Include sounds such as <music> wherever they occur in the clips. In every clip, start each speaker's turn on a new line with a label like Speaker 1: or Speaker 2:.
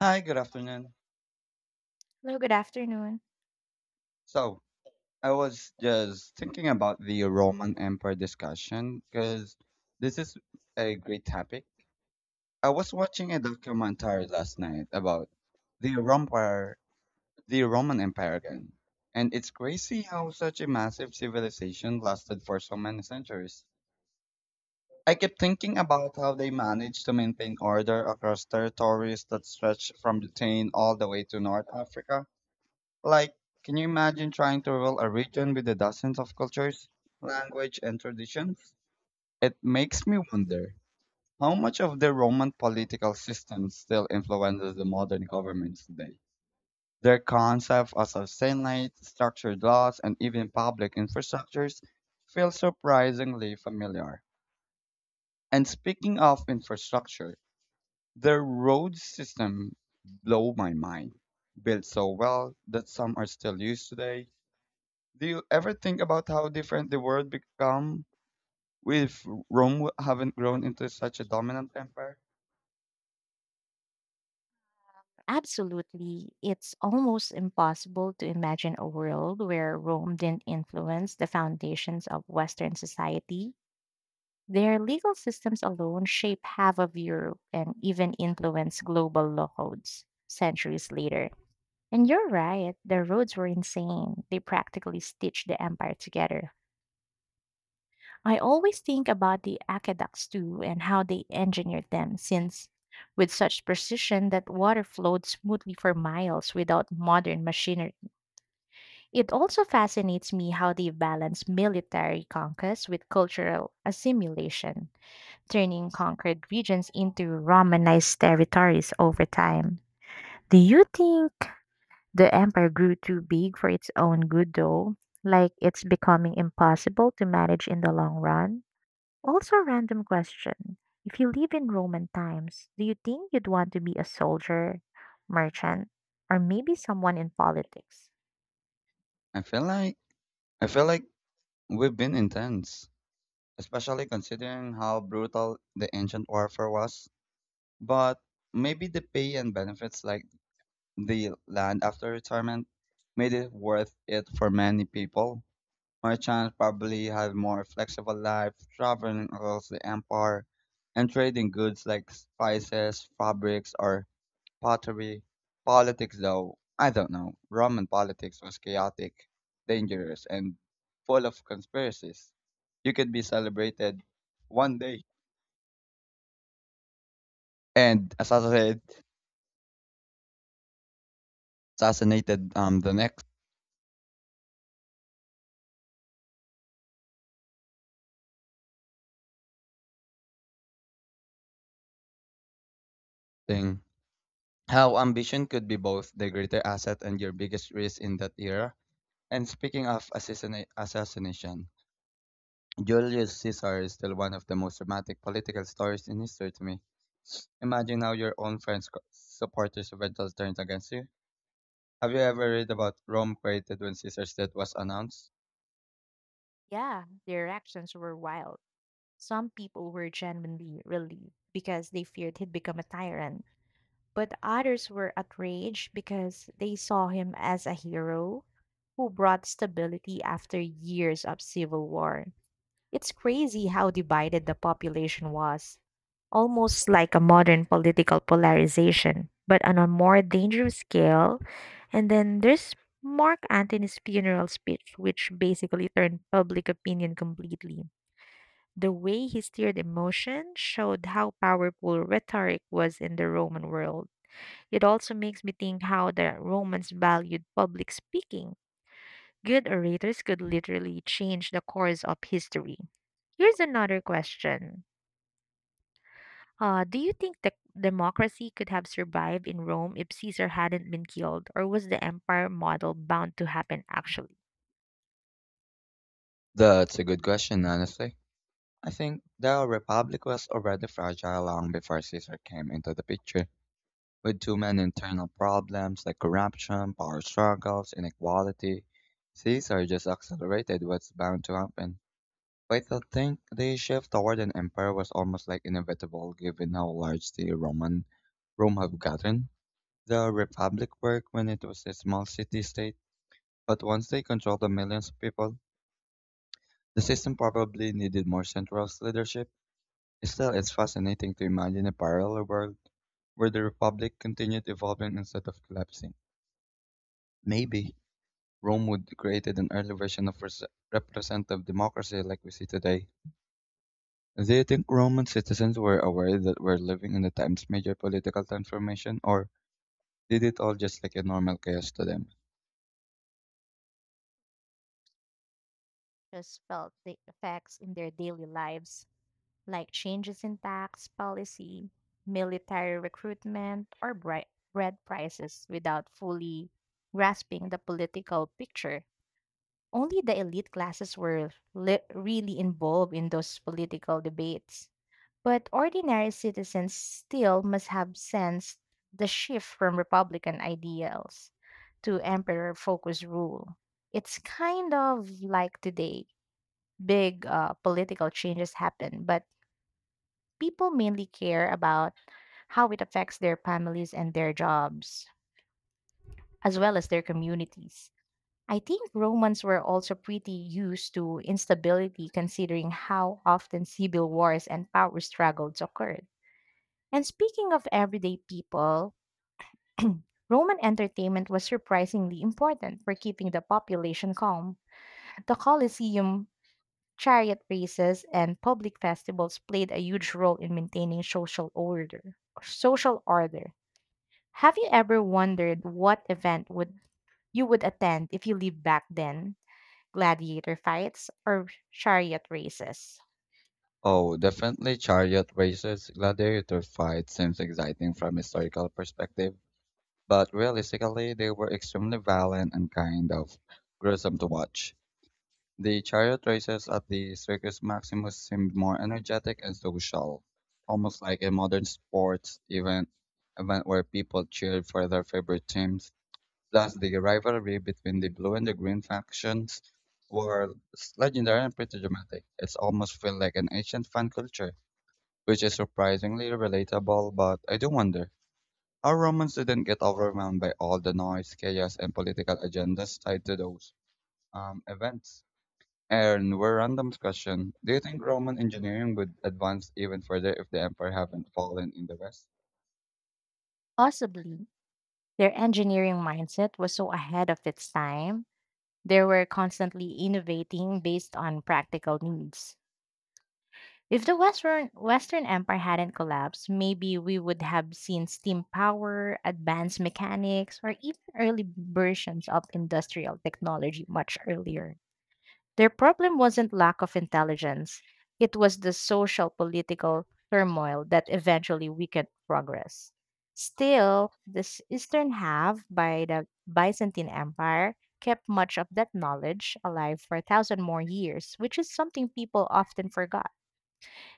Speaker 1: Hi, good afternoon.
Speaker 2: Hello, good afternoon.
Speaker 1: So, I was just thinking about the Roman Empire discussion because this is a great topic. I was watching a documentary last night about the Empire, the Roman Empire again, and it's crazy how such a massive civilization lasted for so many centuries. I kept thinking about how they managed to maintain order across territories that stretched from Britain all the way to North Africa. Like, can you imagine trying to rule a region with the dozens of cultures, language, and traditions? It makes me wonder how much of the Roman political system still influences the modern governments today. Their concept of a senate, structured laws, and even public infrastructures feel surprisingly familiar. And speaking of infrastructure, their road system blow my mind. Built so well that some are still used today. Do you ever think about how different the world become if haven't grown into such a dominant empire?
Speaker 2: Absolutely. It's almost impossible to imagine a world where Rome didn't influence the foundations of Western society. Their legal systems alone shape half of Europe and even influence global law codes centuries later. And you're right, the roads were insane. They practically stitched the empire together. I always think about the aqueducts too and how they engineered them since with such precision that water flowed smoothly for miles without modern machinery. It also fascinates me how they balance military conquest with cultural assimilation, turning conquered regions into Romanized territories over time. Do you think the empire grew too big for its own good though? Like it's becoming impossible to manage in the long run? Also, a random question. If you live in Roman times, do you think you'd want to be a soldier, merchant, or maybe someone in politics?
Speaker 1: I feel like I feel like we've been intense, especially considering how brutal the ancient warfare was. But maybe the pay and benefits like the land after retirement made it worth it for many people. Merchants probably had more flexible life, traveling across the empire and trading goods like spices, fabrics, or pottery. Politics, though, I don't know. Roman politics was chaotic, dangerous, and full of conspiracies. You could be celebrated one day and assassinated the next thing. How ambition could be both the greater asset and your biggest risk in that era. And speaking of assassination, Julius Caesar is still one of the most dramatic political stories in history to me. Imagine how your own friends, supporters, eventually turned against you. Have you ever read about Rome created when Caesar's death was announced?
Speaker 2: Yeah, their actions were wild. Some people were genuinely relieved because they feared he'd become a tyrant, but others were outraged because they saw him as a hero who brought stability after years of civil war. It's crazy how divided the population was, almost like a modern political polarization, but on a more dangerous scale. And then there's Mark Antony's funeral speech, which basically turned public opinion completely. The way he steered emotion showed how powerful rhetoric was in the Roman world. It also makes me think how the Romans valued public speaking. Good orators could literally change the course of history. Here's another question. Do you think the democracy could have survived in Rome if Caesar hadn't been killed, or was the empire model bound to happen actually?
Speaker 1: That's a good question, honestly. I think the Republic was already fragile long before Caesar came into the picture, with too many internal problems like corruption, power struggles, inequality. Caesar just accelerated what's bound to happen. But I think the shift toward an empire was almost like inevitable given how large the Roman Rome have gotten. The Republic worked when it was a small city state. But once they controlled the millions of people, the system probably needed more centralized leadership. Still, it's fascinating to imagine a parallel world where the Republic continued evolving instead of collapsing. Maybe Rome would created an early version of representative democracy like we see today. Do you think Roman citizens were aware that we're living in the time's major political transformation, or did it all just like a normal chaos to them?
Speaker 2: Just felt the effects in their daily lives, like changes in tax policy, military recruitment, or bread prices without fully grasping the political picture. Only the elite classes were really involved in those political debates. But ordinary citizens still must have sensed the shift from Republican ideals to emperor focused rule. It's kind of like today. Big political changes happen, but people mainly care about how it affects their families and their jobs, as well as their communities. I think Romans were also pretty used to instability considering how often civil wars and power struggles occurred. And speaking of everyday people, <clears throat> Roman entertainment was surprisingly important for keeping the population calm. The Colosseum, chariot races, and public festivals played a huge role in maintaining social order. Social order. Have you ever wondered what event would you would attend if you lived back then? Gladiator fights, or chariot races.
Speaker 1: Oh, definitely chariot races, gladiator fights seems exciting from historical perspective. But realistically, they were extremely violent and kind of gruesome to watch. The chariot races at the Circus Maximus seemed more energetic and social, almost like a modern sports event, event where people cheered for their favorite teams. Plus, the rivalry between the blue and the green factions were legendary and pretty dramatic. It's almost feel like an ancient fan culture, which is surprisingly relatable, but I do wonder our Romans didn't get overwhelmed by all the noise, chaos, and political agendas tied to those events. And one random question. Do you think Roman engineering would advance even further if the empire hadn't fallen in the west?
Speaker 2: Possibly, their engineering mindset was so ahead of its time, they were constantly innovating based on practical needs. If the Western, Western Empire hadn't collapsed, maybe we would have seen steam power, advanced mechanics, or even early versions of industrial technology much earlier. Their problem wasn't lack of intelligence, it was the social political turmoil that eventually weakened progress. Still, this eastern half by the Byzantine Empire kept much of that knowledge alive for a thousand more years, which is something people often forgot.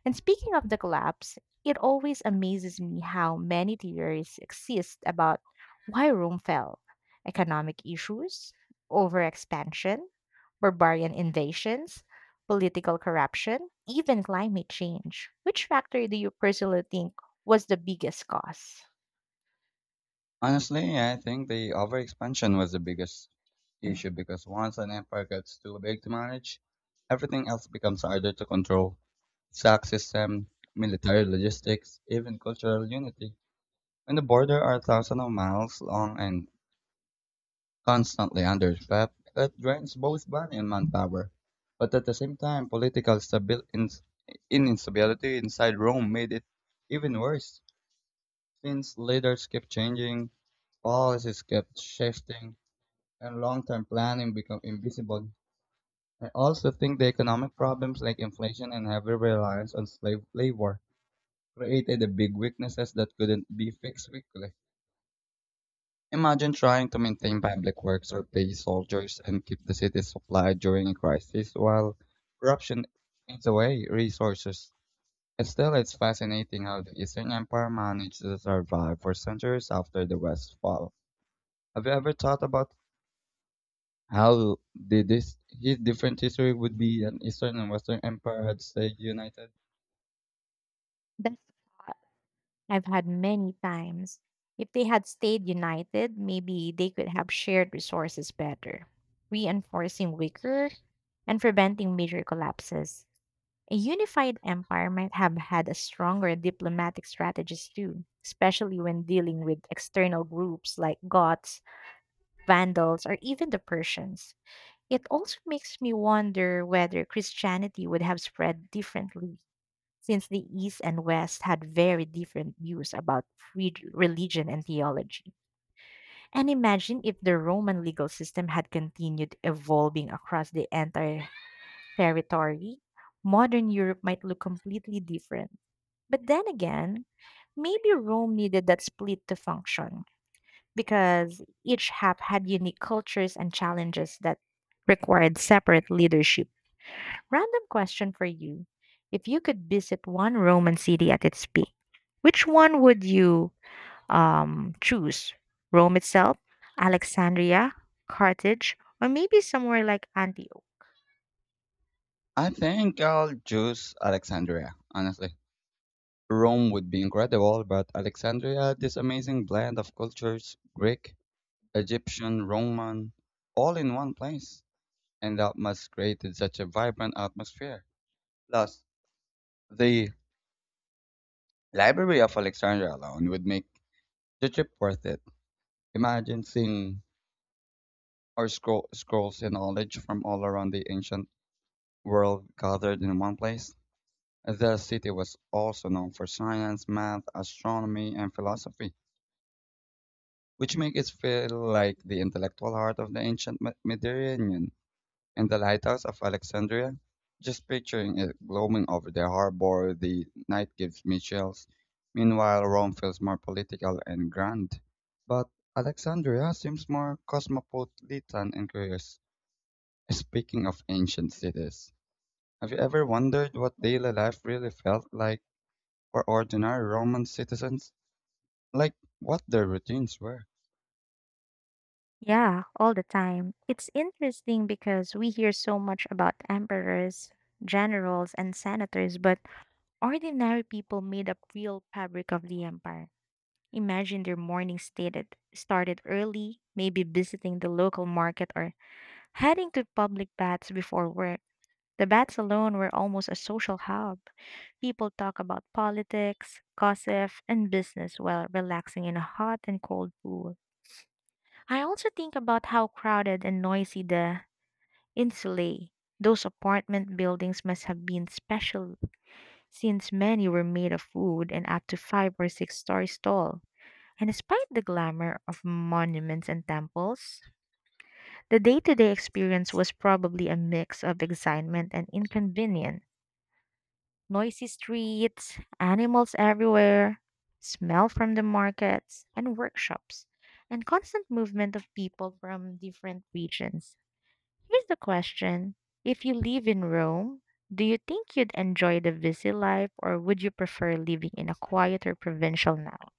Speaker 2: And speaking of the collapse, it always amazes me how many theories exist about why Rome fell: economic issues, overexpansion, barbarian invasions, political corruption, even climate change. Which factor do you personally think was the biggest cause?
Speaker 1: Honestly, I think the overexpansion was the biggest issue because once an empire gets too big to manage, everything else becomes harder to control. Tax system, military logistics, even cultural unity. When the border are thousands of miles long and constantly understaffed, that drains both money and manpower. But at the same time, political stabil- ins- in- instability inside Rome made it even worse, since leaders kept changing, policies kept shifting, and long-term planning became invisible. I also think the economic problems like inflation and heavy reliance on slave labor created the big weaknesses that couldn't be fixed quickly. Imagine trying to maintain public works or pay soldiers and keep the city supplied during a crisis while corruption eats away resources. And still, it's fascinating how the Eastern Empire managed to survive for centuries after the West's fall. Have you ever thought about how did this his different history would be an Eastern and Western Empire had stayed united?
Speaker 2: That I've had many times. If they had stayed united, maybe they could have shared resources better, reinforcing weaker and preventing major collapses. A unified empire might have had a stronger diplomatic strategies too, especially when dealing with external groups like Goths, Vandals, or even the Persians. It also makes me wonder whether Christianity would have spread differently, since the East and West had very different views about religion and theology. And imagine if the Roman legal system had continued evolving across the entire territory, modern Europe might look completely different. But then again, maybe Rome needed that split to function because each half had unique cultures and challenges that required separate leadership. Random question for you. If you could visit one Roman city at its peak, which one would you choose? Rome itself, Alexandria, Carthage, or maybe somewhere like Antioch?
Speaker 1: I think I'll choose Alexandria, honestly. Rome would be incredible, but Alexandria had this amazing blend of cultures Greek, Egyptian, Roman, all in one place, and that must created such a vibrant atmosphere. Plus, the Library of Alexandria alone would make the trip worth it. Imagine seeing our scrolls and knowledge from all around the ancient world gathered in one place. The city was also known for science, math, astronomy, and philosophy, which makes it feel like the intellectual heart of the ancient Mediterranean. And the lighthouse of Alexandria. Just picturing it glowing over the harbor the night gives me chills. Meanwhile, Rome feels more political and grand. But Alexandria seems more cosmopolitan and curious. Speaking of ancient cities, have you ever wondered what daily life really felt like for ordinary Roman citizens? Like what their routines were?
Speaker 2: Yeah, all the time. It's interesting because we hear so much about emperors, generals, and senators, but ordinary people made up real fabric of the empire. Imagine their morning stated started early, maybe visiting the local market or heading to public baths before work. The baths alone were almost a social hub. People talk about politics, gossip, and business while relaxing in a hot and cold pool. I also think about how crowded and noisy the insulae, those apartment buildings must have been special since many were made of wood and up to five or six stories tall. And despite the glamour of monuments and temples, the day to day experience was probably a mix of excitement and inconvenience. Noisy streets, animals everywhere, smell from the markets and workshops, and constant movement of people from different regions. Here's the question. If you live in Rome, do you think you'd enjoy the busy life or would you prefer living in a quieter provincial now?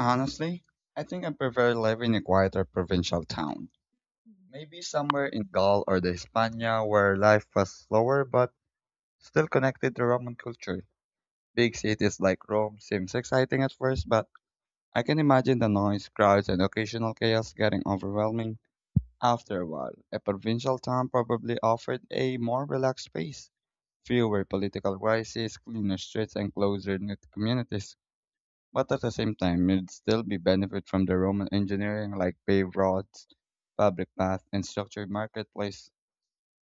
Speaker 1: Honestly, I think I prefer living in a quieter provincial town. Maybe somewhere in Gaul or the Hispania where life was slower but still connected to Roman culture. Big cities like Rome seems exciting at first, but I can imagine the noise, crowds, and occasional chaos getting overwhelming after a while. A provincial town probably offered a more relaxed space, fewer political crises, cleaner streets, and closer knit communities. But at the same time, you'd still be benefit from the Roman engineering like paved roads, public paths, and structured marketplace.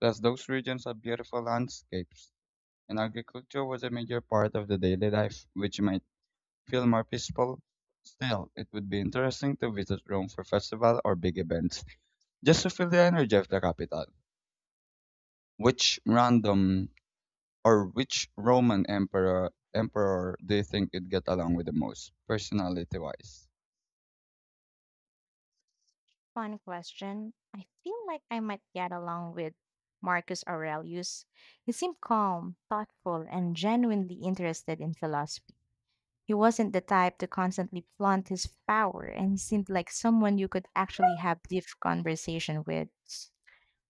Speaker 1: Thus those regions have beautiful landscapes, and agriculture was a major part of the daily life, which made feel more peaceful. Still, it would be interesting to visit Rome for festival or big events, just to feel the energy of the capital. Which random or Which Roman emperor do you think would get along with the most, personality wise?
Speaker 2: Fun question. I feel like I might get along with Marcus Aurelius. He seemed calm, thoughtful, and genuinely interested in philosophy. He wasn't the type to constantly flaunt his power, and he seemed like someone you could actually have deep conversation with.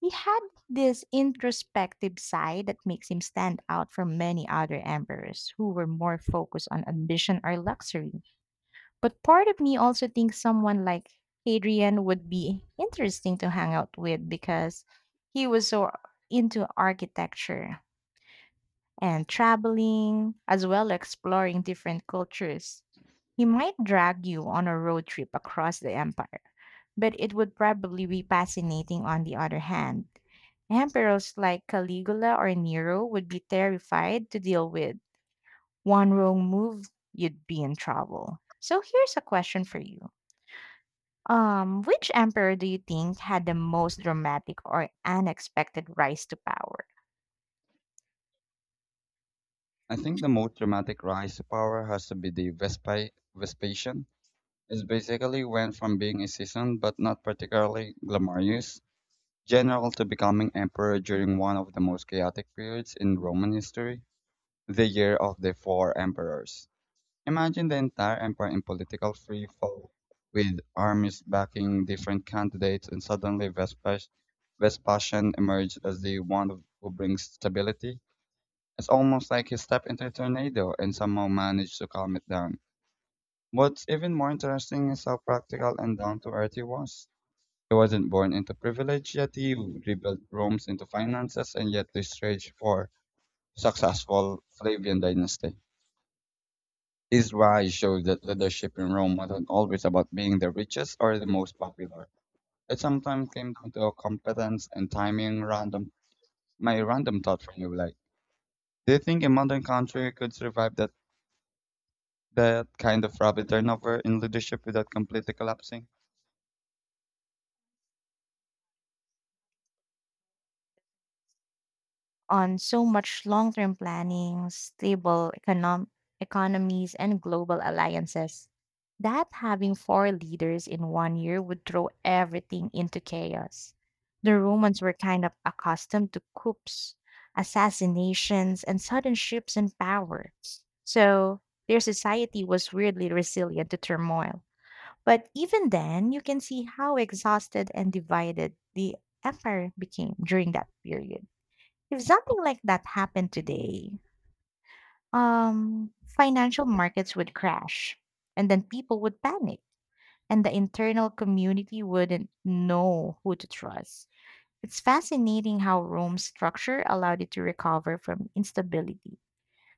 Speaker 2: He had this introspective side that makes him stand out from many other emperors who were more focused on ambition or luxury. But part of me also thinks someone like Hadrian would be interesting to hang out with because he was so into architecture and traveling, as well exploring different cultures. He might drag you on a road trip across the empire, but it would probably be fascinating on the other hand. Emperors like Caligula or Nero would be terrified to deal with. One wrong move, you'd be in trouble. So here's a question for you. Which emperor do you think had the most dramatic or unexpected rise to power?
Speaker 1: I think the most dramatic rise to power has to be the Vespi Vespasian. It basically went from being a seasoned but not particularly glamorous general to becoming emperor during one of the most chaotic periods in Roman history, the year of the four emperors. Imagine the entire empire in political free fall, with armies backing different candidates, and suddenly Vespasian emerged as the one who brings stability. It's almost like he stepped into a tornado and somehow managed to calm it down. What's even more interesting is how practical and down to earth he was. He wasn't born into privilege, yet he rebuilt Rome's into finances and yet the stage for successful Flavian dynasty. His rise showed that leadership in Rome wasn't always about being the richest or the most popular. It sometimes came down to competence and timing. Random, my random thought from you, like, do you think a modern country could survive that kind of rapid turnover in leadership without completely collapsing?
Speaker 2: On so much long term planning, stable economies, and global alliances that having four leaders in one year would throw everything into chaos. The Romans were kind of accustomed to coups, assassinations, and sudden shifts in power. So their society was weirdly resilient to turmoil. But even then, you can see how exhausted and divided the empire became during that period. If something like that happened today, financial markets would crash and then people would panic and the internal community wouldn't know who to trust. It's fascinating how Rome's structure allowed it to recover from instability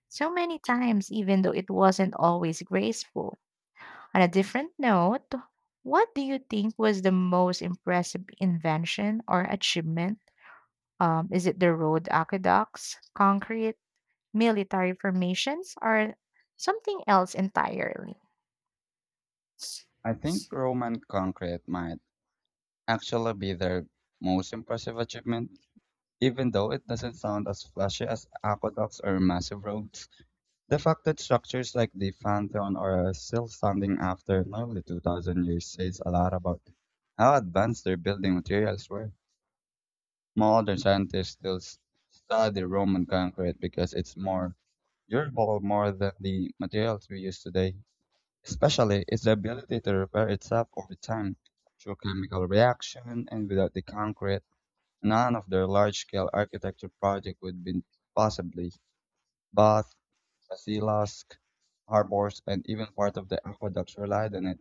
Speaker 2: so many times, even though it wasn't always graceful. On a different note, what do you think was the most impressive invention or achievement? Is it the road aqueducts, concrete? Military formations are something else entirely.
Speaker 1: I think Roman concrete might actually be their most impressive achievement. Even though it doesn't sound as flashy as aqueducts or massive roads, the fact that structures like the Pantheon are still standing after nearly 2,000 years says a lot about how advanced their building materials were. Modern scientists study Roman concrete because it's more durable more than the materials we use today, especially its ability to repair itself over time through chemical reaction and without the concrete none of their large-scale architecture projects would be possible. Bath, Basilisк, harbours, and even part of the aqueducts relied on it.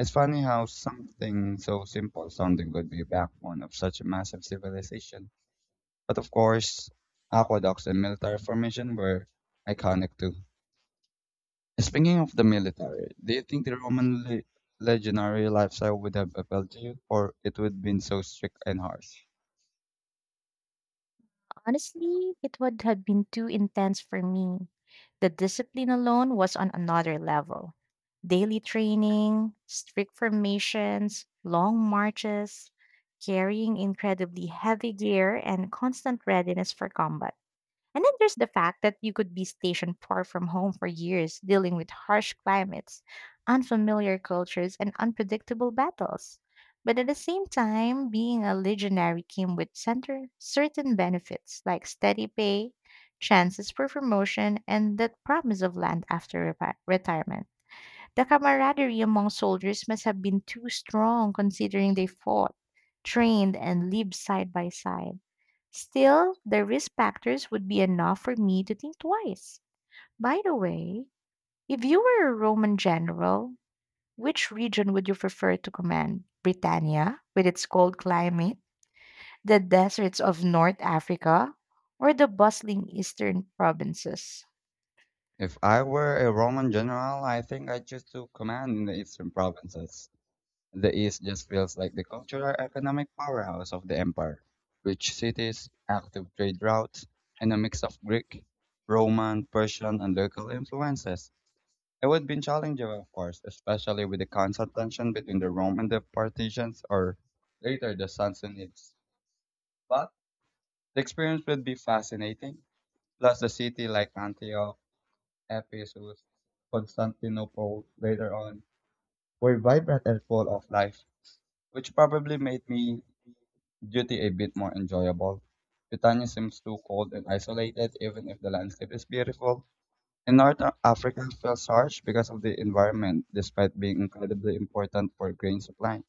Speaker 1: It's funny how something so simple sounding could be a backbone of such a massive civilization. But of course, aqueducts and military formation were iconic too. Speaking of the military, do you think the legionary lifestyle would have appealed to you, or it would have been so strict and harsh?
Speaker 2: Honestly, it would have been too intense for me. The discipline alone was on another level. Daily training, strict formations, long marches, carrying incredibly heavy gear, and constant readiness for combat. And then there's the fact that you could be stationed far from home for years, dealing with harsh climates, unfamiliar cultures, and unpredictable battles. But at the same time, being a legionary came with certain benefits like steady pay, chances for promotion, and that promise of land after retirement. The camaraderie among soldiers must have been too strong considering they fought, trained, and lived side by side. Still, the risk factors would be enough for me to think twice. By the way, if you were a Roman general, which region would you prefer to command? Britannia, with its cold climate, the deserts of North Africa, or the bustling eastern provinces?
Speaker 1: If I were a Roman general, I think I'd choose to command in the eastern provinces. The east just feels like the cultural economic powerhouse of the empire. Rich cities, active trade routes, and a mix of Greek, Roman, Persian, and local influences. It would be challenging, of course, especially with the constant tension between the Rome and the Parthians or later the Sassanids. But the experience would be fascinating. Plus, the city like Antioch, Ephesus, Constantinople later on were vibrant and full of life, which probably made me duty a bit more enjoyable. Britannia seems too cold and isolated, even if the landscape is beautiful. And North Africa feels harsh because of the environment, despite being incredibly important for grain supply.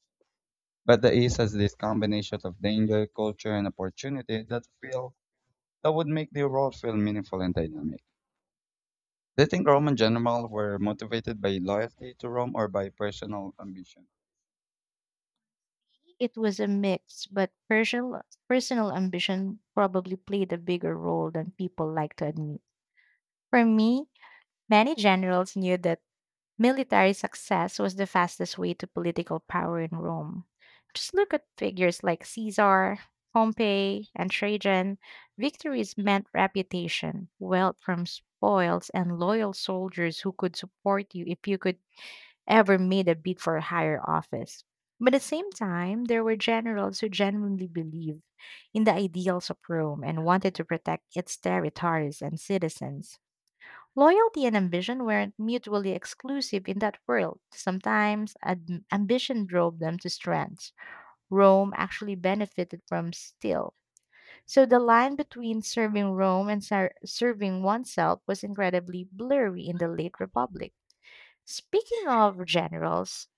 Speaker 1: But the East has this combination of danger, culture, and opportunity that feel that would make the world feel meaningful and dynamic. Do you think Roman generals were motivated by loyalty to Rome or by personal ambition?
Speaker 2: It was a mix, but personal ambition probably played a bigger role than people like to admit. For me, many generals knew that military success was the fastest way to political power in Rome. Just look at figures like Caesar, Pompey, and Trajan. Victories meant reputation, wealth from spoils, and loyal soldiers who could support you if you could ever made a bid for a higher office. But at the same time, there were generals who genuinely believed in the ideals of Rome and wanted to protect its territories and citizens. Loyalty and ambition weren't mutually exclusive in that world. Sometimes ambition drove them to strengths Rome actually benefited from still. So the line between serving Rome and serving oneself was incredibly blurry in the late Republic. Speaking of generals,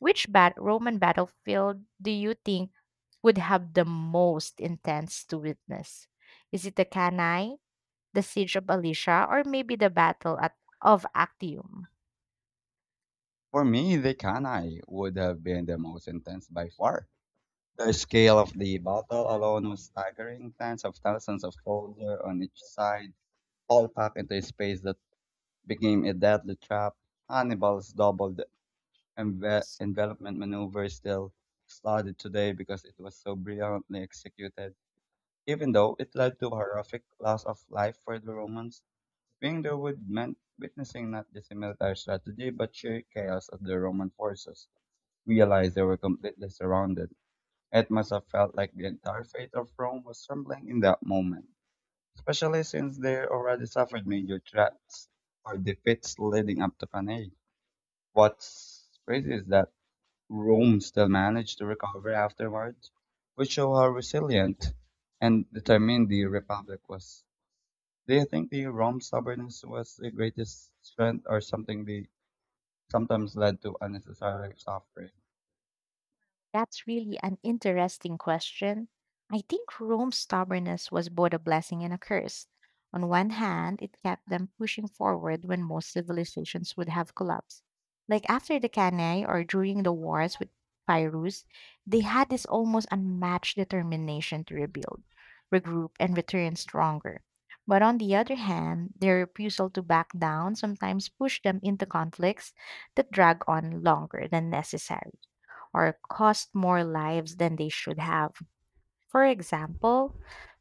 Speaker 2: which Roman battlefield do you think would have the most intense to witness? Is it the Cannae, the siege of Alicia, or maybe the battle of Actium?
Speaker 1: For me, the Cannae would have been the most intense by far. The scale of the battle alone was staggering, tens of thousands of soldiers on each side, all packed into a space that became a deadly trap. Hannibal's double envelopment maneuver is still studied today because it was so brilliantly executed, even though it led to horrific loss of life for the Romans. Being there would meant witnessing not just a military strategy, but sheer chaos of the Roman forces realized they were completely surrounded. It must have felt like the entire fate of Rome was trembling in that moment, especially since they already suffered major threats or defeats leading up to Cannae. What's crazy is that Rome still managed to recover afterwards, which show how resilient and determined the Republic was. Do you think the Rome stubbornness was the greatest strength or something they sometimes led to unnecessary suffering?
Speaker 2: That's really an interesting question. I think Rome's stubbornness was both a blessing and a curse. On one hand, it kept them pushing forward when most civilizations would have collapsed. Like after the Cannae or during the wars with Pyrrhus, they had this almost unmatched determination to rebuild, regroup, and return stronger. But on the other hand, their refusal to back down sometimes pushed them into conflicts that drag on longer than necessary or cost more lives than they should have. For example,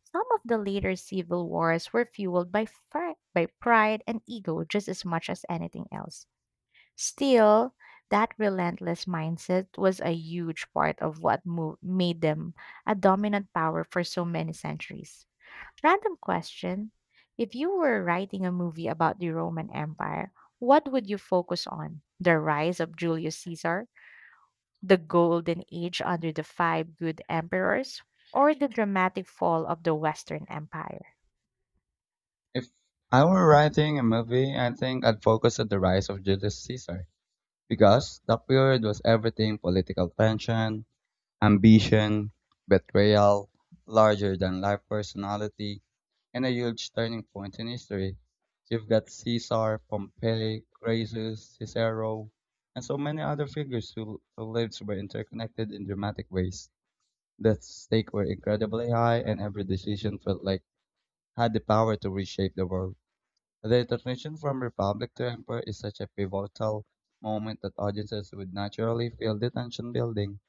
Speaker 2: some of the later civil wars were fueled by pride and ego just as much as anything else. Still, that relentless mindset was a huge part of what made them a dominant power for so many centuries. Random question. If you were writing a movie about the Roman Empire, what would you focus on? The rise of Julius Caesar? The golden age under the five good emperors, or the dramatic fall of the Western Empire.
Speaker 1: If I were writing a movie, I think I'd focus on the rise of Julius Caesar because that period was everything political tension, Ambition, betrayal, larger-than-life personality, and a huge turning point in history. You've got Caesar, Pompey, Crassus, Cicero, and so many other figures who lives were interconnected in dramatic ways. The stakes were incredibly high, and every decision felt like had the power to reshape the world. The transition from republic to emperor is such a pivotal moment that audiences would naturally feel the tension building.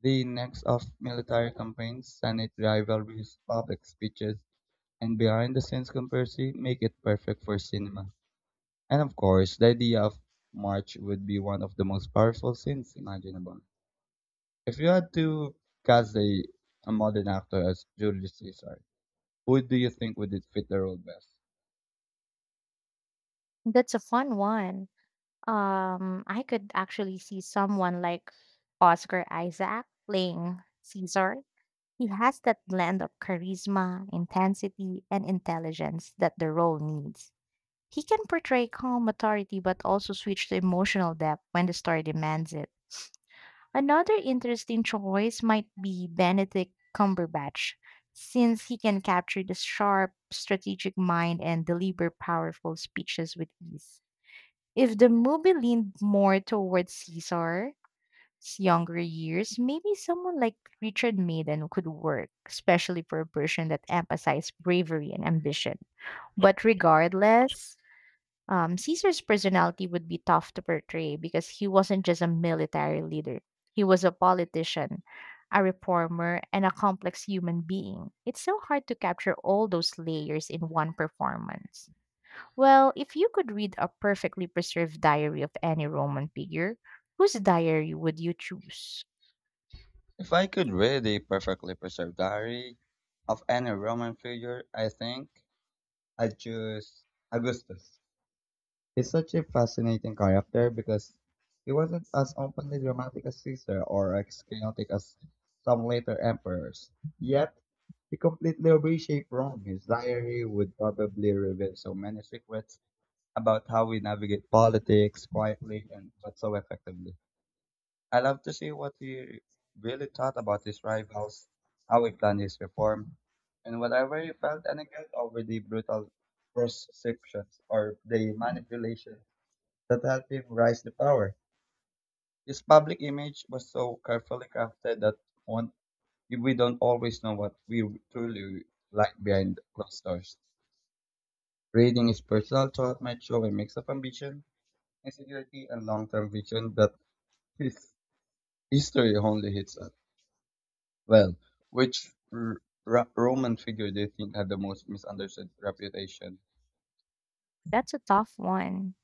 Speaker 1: The index of military campaigns, Senate rivalries, public speeches, and behind-the-scenes conspiracy make it perfect for cinema. And of course, the idea of March would be one of the most powerful scenes imaginable. If you had to cast a modern actor as Julius Caesar, who do you think would it fit the role best?
Speaker 2: That's a fun one. I could actually see someone like Oscar Isaac playing Caesar. He has that blend of charisma, intensity, and intelligence that the role needs. He can portray calm authority but also switch to emotional depth when the story demands it. Another interesting choice might be Benedict Cumberbatch, since he can capture the sharp, strategic mind and deliver powerful speeches with ease. If the movie leaned more towards Caesar's younger years, maybe someone like Richard Madden could work, especially for a version that emphasized bravery and ambition. But regardless, Caesar's personality would be tough to portray because he wasn't just a military leader, he was a politician, a reformer, and a complex human being. It's so hard to capture all those layers in one performance. Well, if you could read a perfectly preserved diary of any Roman figure, whose diary would you choose?
Speaker 1: If I could read a perfectly preserved diary of any Roman figure, I think I'd choose Augustus. He's such a fascinating character because he wasn't as openly dramatic as Caesar or as chaotic as some later emperors. Yet, he completely reshaped Rome. His diary would probably reveal so many secrets about how we navigate politics quietly and but so effectively. I love to see what he really thought about his rivals, how he planned his reform, and whatever he felt any guilt over the brutal perceptions or the manipulation that helped him rise to power. His public image was so carefully crafted that one, we don't always know what we truly like behind closed doors. Reading his personal thought might show a mix of ambition, insecurity, and long-term vision that his history only hits at. Well, which Roman figure do you think had the most misunderstood reputation?
Speaker 2: That's a tough one.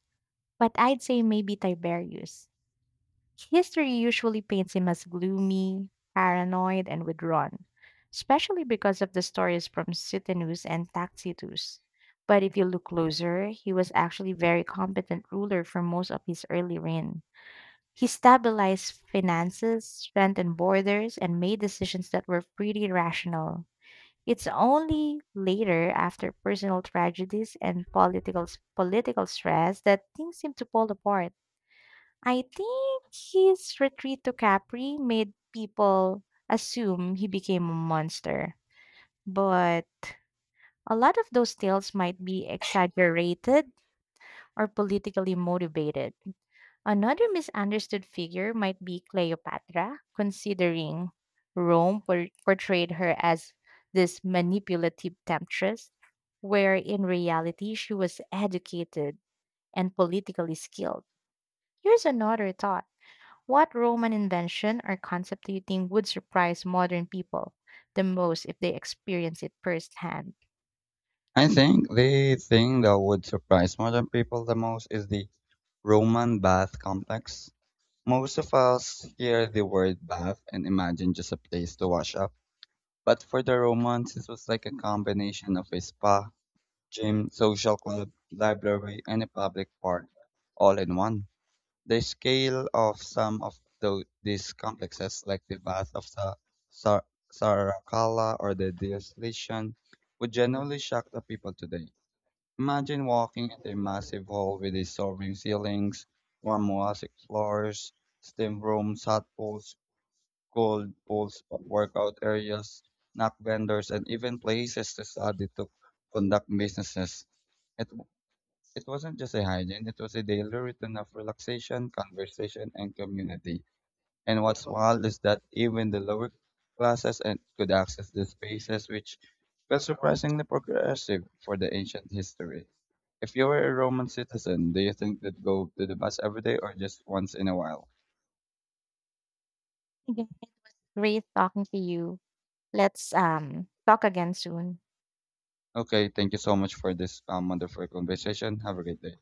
Speaker 2: But I'd say maybe Tiberius. History usually paints him as gloomy, paranoid, and withdrawn, especially because of the stories from Suetonus and Tacitus. But if you look closer, he was actually a very competent ruler for most of his early reign. He stabilized finances, strengthened borders, and made decisions that were pretty rational. It's only later, after personal tragedies and political stress, that things seem to fall apart. I think his retreat to Capri made people assume he became a monster. But a lot of those tales might be exaggerated or politically motivated. Another misunderstood figure might be Cleopatra, considering Rome portrayed her as this manipulative temptress, where in reality she was educated and politically skilled. Here's another thought. What Roman invention or concept do you think would surprise modern people the most if they experience it firsthand?
Speaker 1: I think the thing that would surprise modern people the most is the Roman bath complex. Most of us hear the word bath and imagine just a place to wash up. But for the Romans, this was like a combination of a spa, gym, social club, library, and a public park, all in one. The scale of some of these complexes, like the bath of Sa- Saracala or the Diocletian, would generally shock the people today. Imagine walking into a massive hall with a soaring ceilings, warm mosaic floors, steam rooms, hot pools, cold pools, workout areas, snack vendors, and even places to study to conduct businesses. It, w- it wasn't just a hygiene, it was a daily routine of relaxation, conversation, and community. And what's wild is that even the lower classes and could access these spaces, which felt surprisingly progressive for the ancient history. If you were a Roman citizen, do you think you'd go to the mass every day or just once in a while?
Speaker 2: Again, great talking to you. Let's talk again soon.
Speaker 1: Okay, thank you so much for this wonderful conversation. Have a great day.